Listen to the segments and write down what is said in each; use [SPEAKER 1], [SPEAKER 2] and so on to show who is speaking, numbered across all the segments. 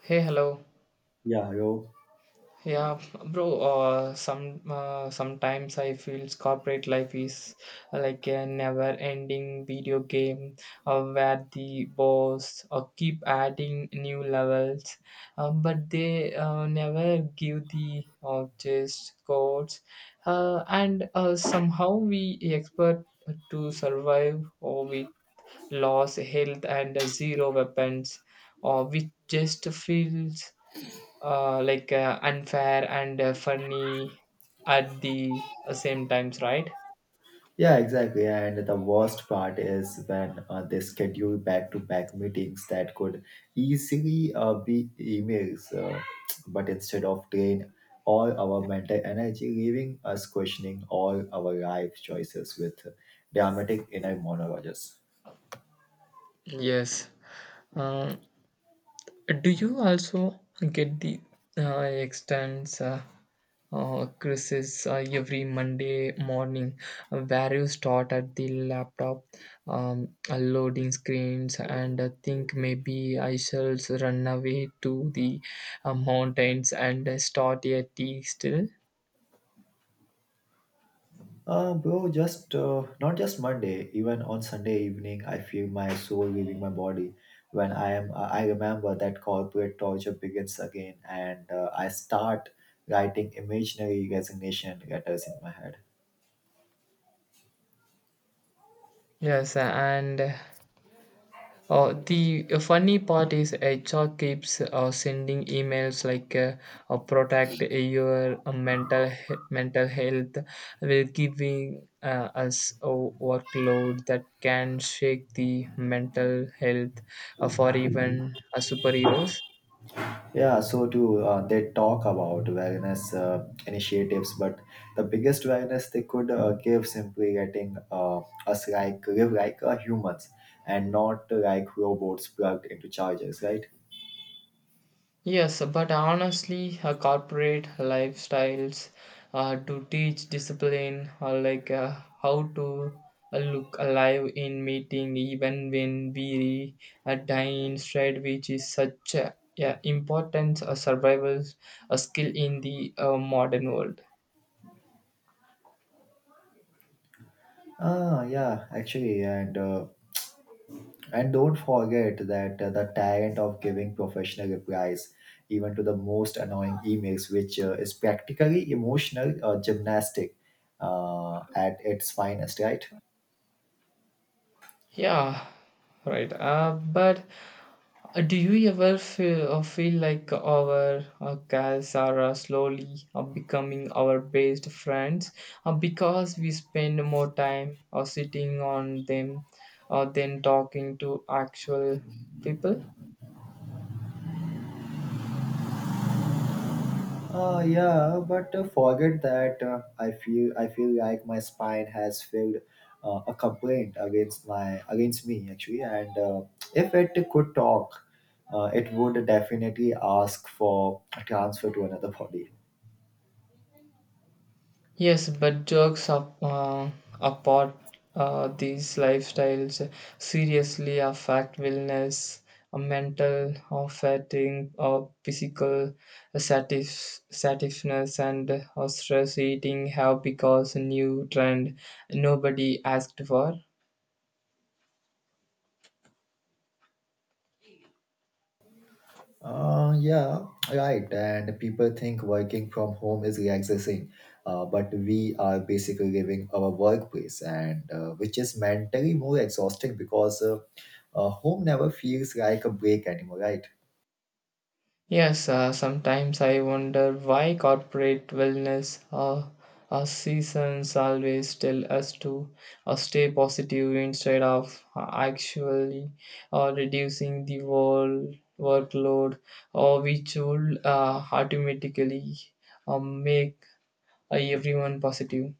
[SPEAKER 1] Hey, hello.
[SPEAKER 2] Yeah, yo.
[SPEAKER 1] Yeah, bro. Sometimes I feel corporate life is like a never-ending video game where the boss keep adding new levels, but they never give the chest codes, and somehow we expect to survive or with loss, health, and zero weapons, or we just feels like unfair and funny at the same times, right?
[SPEAKER 2] Yeah, exactly. And the worst part is when they schedule back to back meetings that could easily be emails, but instead of drain all our mental energy, leaving us questioning all our life choices with dramatic inner monologues.
[SPEAKER 1] Yes. Uh, do you also get the extends quizzes every Monday morning where you start at the laptop, loading screens, and think maybe I shall run away to the mountains and start a tea still?
[SPEAKER 2] Bro, just not just Monday. Even on Sunday evening, I feel my soul leaving my body. I remember that corporate torture begins again, and I start writing imaginary resignation letters in my head.
[SPEAKER 1] Yes, and the funny part is HR keeps sending emails like protect your mental health while giving us a workload that can shake the mental health for even superheroes.
[SPEAKER 2] Yeah, so too, they talk about wellness initiatives, but the biggest wellness they could give simply getting us like live like humans and not like robots plugged into chargers, right?
[SPEAKER 1] Yes, but honestly, corporate lifestyles to teach discipline, or like how to look alive in meeting, even when weary, a dying stride, which is such a, yeah, important survival skill in the modern world.
[SPEAKER 2] Ah, yeah, actually, and don't forget that the talent of giving professional replies, even to the most annoying emails, which is practically emotional gymnastic at its finest, right?
[SPEAKER 1] Yeah, right. But do you ever feel, feel like our cats are slowly becoming our best friends because we spend more time sitting on them than talking to actual people?
[SPEAKER 2] Yeah, but forget that I feel like my spine has filled a complaint against me actually, and if it could talk, it would definitely ask for a transfer to another body.
[SPEAKER 1] Yes, but jokes up, apart, these lifestyles seriously affect wellness, mental or fatigue or physical satisfaction, and stress eating have because a new trend nobody asked for.
[SPEAKER 2] Yeah, right. And people think working from home is relaxing, but we are basically living our workplace, and which is mentally more exhausting because home never feels like a break anymore, right?
[SPEAKER 1] Yes, sometimes I wonder why corporate wellness or seasons always tell us to stay positive instead of actually reducing the world workload, or which will automatically make everyone positive.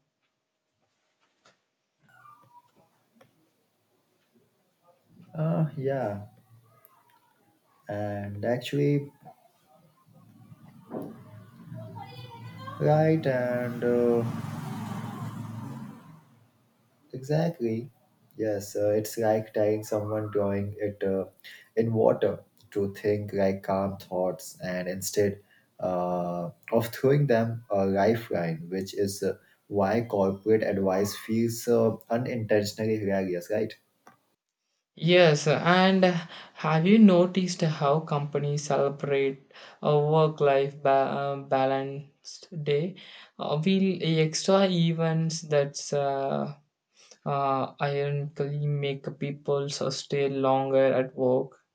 [SPEAKER 2] Yeah, and actually, right, and exactly. Yes, it's like tying someone drawing it in water to think like calm thoughts and instead of throwing them a lifeline, which is why corporate advice feels unintentionally hilarious, right?
[SPEAKER 1] Yes, and have you noticed how companies celebrate a balanced day? Will extra events that's ironically make people so stay longer at work.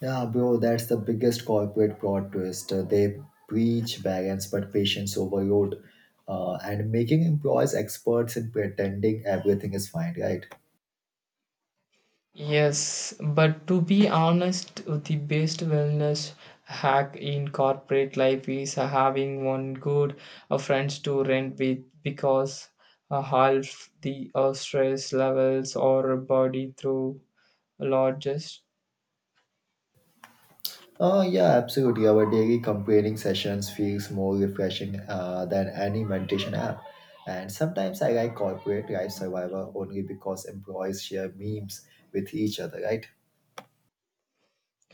[SPEAKER 2] Yeah, bro, that's the biggest corporate plot twist. They preach balance but patience overload and making employees experts in pretending everything is fine, right?
[SPEAKER 1] Yes, but to be honest, the best wellness hack in corporate life is having one good friends to rent with because half the stress levels or body through largest.
[SPEAKER 2] Yeah, absolutely. Our daily comparing sessions feels more refreshing than any meditation app. And sometimes I like corporate life survivor only because employees share memes with each other, right?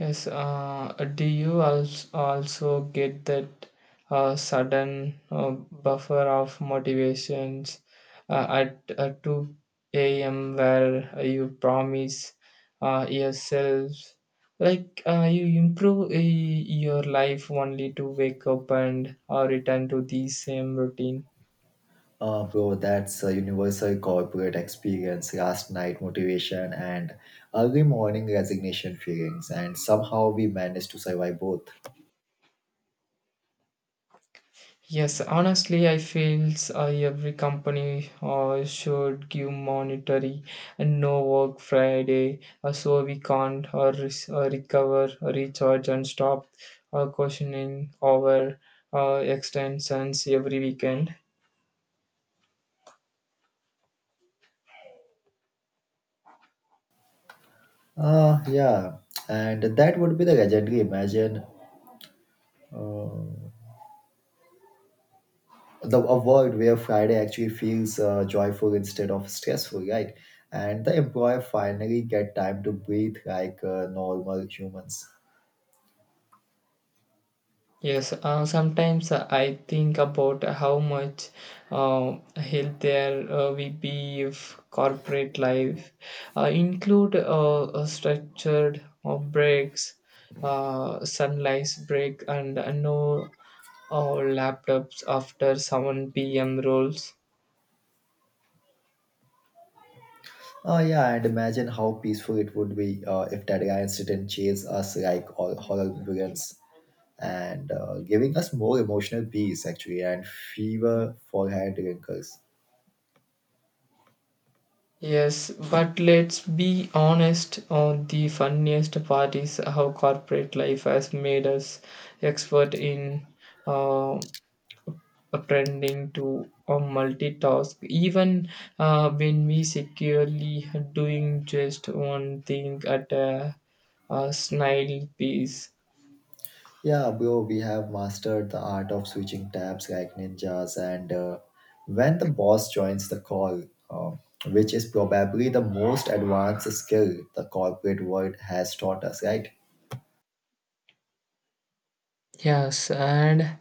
[SPEAKER 1] Yes, also get that sudden buffer of motivations at 2 a.m. where you promise yourself, like you improve your life only to wake up and return to the same routine?
[SPEAKER 2] Bro, that's a universal corporate experience. Last night motivation and early morning resignation feelings, and somehow we managed to survive both.
[SPEAKER 1] Yes, honestly, I feel every company should give monetary and no work Friday so we can't recover, recharge, and stop questioning our extensions every weekend.
[SPEAKER 2] Ah, yeah, and that would be the legendary. Imagine the a world where Friday actually feels joyful instead of stressful, right? And the employer finally get time to breathe like normal humans.
[SPEAKER 1] Yes, sometimes I think about how much healthier we be if corporate life include a structured breaks, sunlight break, and no laptops after 7 p.m. rules.
[SPEAKER 2] Oh yeah, and imagine how peaceful it would be if deadlines didn't chase us like all horror villains, and giving us more emotional peace actually, and fever forehead wrinkles.
[SPEAKER 1] Yes, but let's be honest, the funniest part is how corporate life has made us expert in. Uh, Pretending to or multitask even when we securely doing just one thing at a snail pace.
[SPEAKER 2] Yeah, bro, we have mastered the art of switching tabs like ninjas, and when the boss joins the call, uh, which is probably the most advanced skill the corporate world has taught us, right?
[SPEAKER 1] Yes, and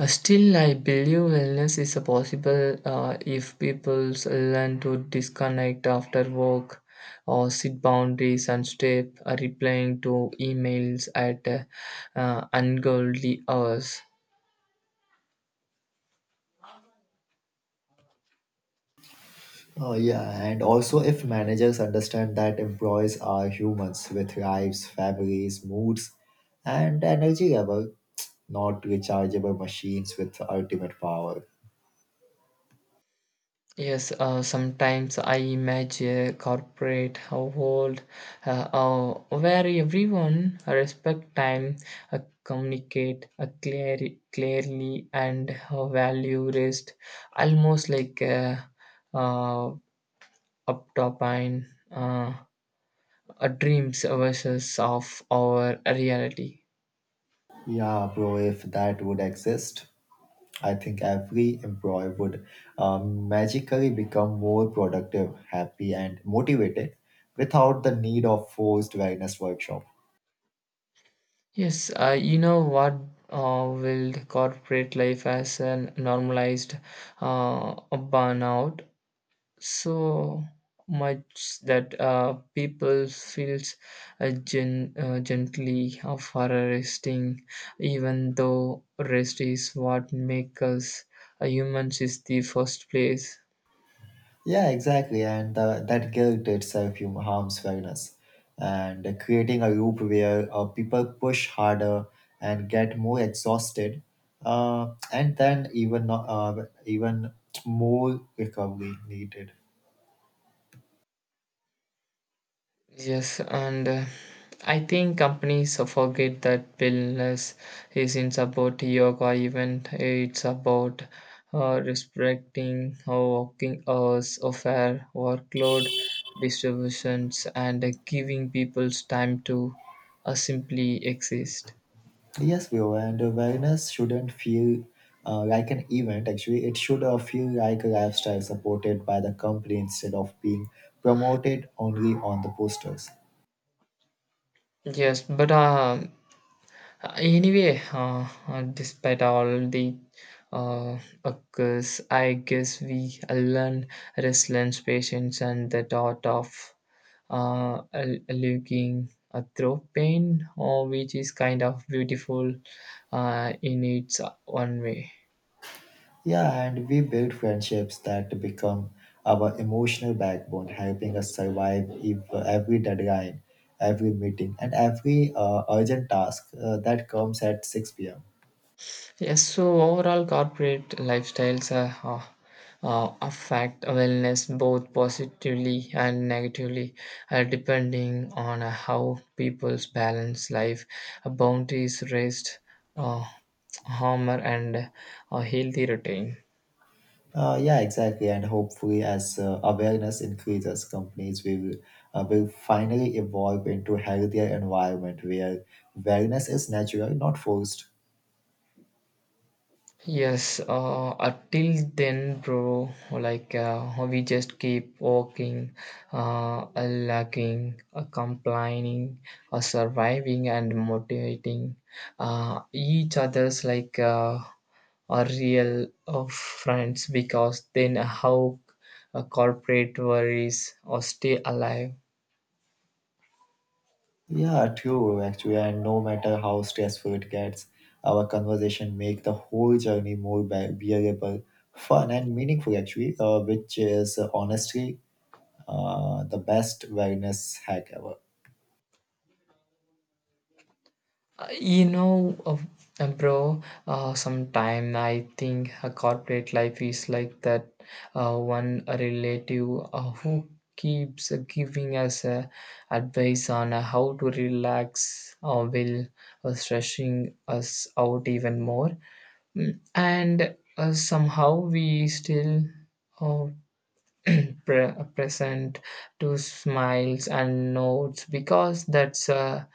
[SPEAKER 1] still, I believe wellness is a possible if people learn to disconnect after work or set boundaries and stop replying to emails at ungodly hours.
[SPEAKER 2] Oh, yeah, and also if managers understand that employees are humans with lives, families, moods, and energy level, not rechargeable machines with ultimate power.
[SPEAKER 1] Yes, sometimes I imagine a corporate household where everyone respect time, communicate clearly, and value rest, almost like a uh, uptopine uh, dreams versus of our reality.
[SPEAKER 2] Yeah, bro, if that would exist, I think every employee would magically become more productive, happy, and motivated without the need of forced wellness workshop.
[SPEAKER 1] Yes, you know what will corporate life as a normalized burnout so much that people feels gently for resting even though rest is what makes us humans is the first place.
[SPEAKER 2] Yeah, exactly. And that guilt itself harms fairness and creating a loop where people push harder and get more exhausted , and then even more recovery needed.
[SPEAKER 1] Yes, and I think companies forget that wellness isn't about yoga event. It's about respecting our working hours, a fair workload distributions, and giving people's time to simply exist.
[SPEAKER 2] Yes, bro, and awareness shouldn't feel like an event. Actually, it should feel like a lifestyle supported by the company instead of being promoted only on the posters.
[SPEAKER 1] Yes, but anyway, despite all the uh, occurs, I guess we learn resilience, patience, and the art of looking through pain, or which is kind of beautiful in its own way.
[SPEAKER 2] Yeah, and we build friendships that become our emotional backbone, helping us survive if, every deadline, every meeting, and every urgent task that comes at 6 p.m.
[SPEAKER 1] Yes, so overall, corporate lifestyles affect wellness both positively and negatively, depending on how people's balance life, boundaries, rest, uh, humor, and a healthy routine.
[SPEAKER 2] Yeah, exactly. And hopefully, as awareness increases, companies will finally evolve into healthier environment where wellness is natural, not forced.
[SPEAKER 1] Yes, until then, bro, like we just keep walking, lagging, complaining, surviving, and motivating each other's like a real friends because then how corporate worries or stay alive.
[SPEAKER 2] Yeah, true. Actually, and no matter how stressful it gets, our conversation make the whole journey more bearable, fun, and meaningful. Actually, which is honestly the best wellness hack ever.
[SPEAKER 1] You know, bro, sometime I think a corporate life is like that one relative who keeps giving us advice on how to relax or will stressing us out even more. Mm, and somehow we still uh, present to smiles and nods because that's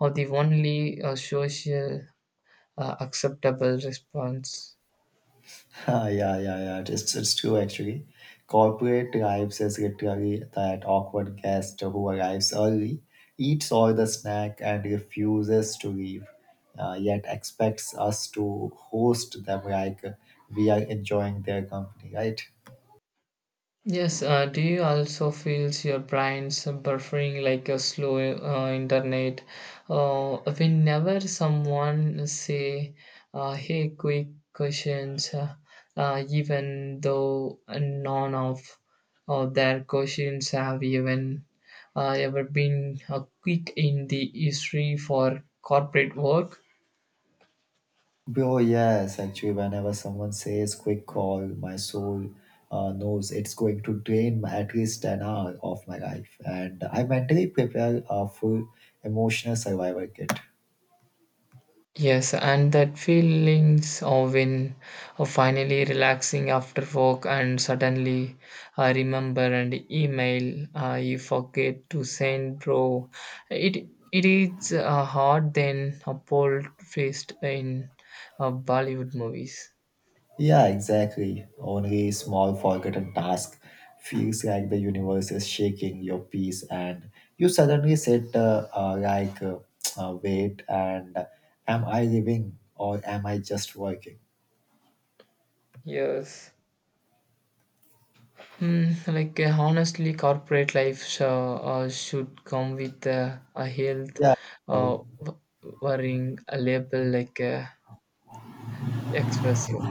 [SPEAKER 1] are the only social acceptable response.
[SPEAKER 2] Ah, yeah, yeah, yeah. It's true actually. Corporate drives is literally that awkward guest who arrives early, eats all the snack, and refuses to leave, yet expects us to host them like we are enjoying their company, right?
[SPEAKER 1] Yes, do you also feel your brain's buffering like a slow internet? Whenever someone say, "Hey, quick questions," even though none of their questions have even ever been quick in the history for corporate work.
[SPEAKER 2] Bro, yes, actually, whenever someone says quick call, my soul knows it's going to drain my- at least an hour of my life, and I mentally prepare a full emotional survival kit.
[SPEAKER 1] Yes, and that feelings of when of finally relaxing after work and suddenly I remember an email I forget to send, bro. It it is hard than a pole faced in Bollywood movies.
[SPEAKER 2] Yeah, exactly. Only small forgotten task feels like the universe is shaking your peace, and you suddenly sit like, wait, and am I living or am I just working?
[SPEAKER 1] Yes. Mm, like honestly, corporate life should come with a health
[SPEAKER 2] Yeah,
[SPEAKER 1] uh, w- worrying a label like expressive.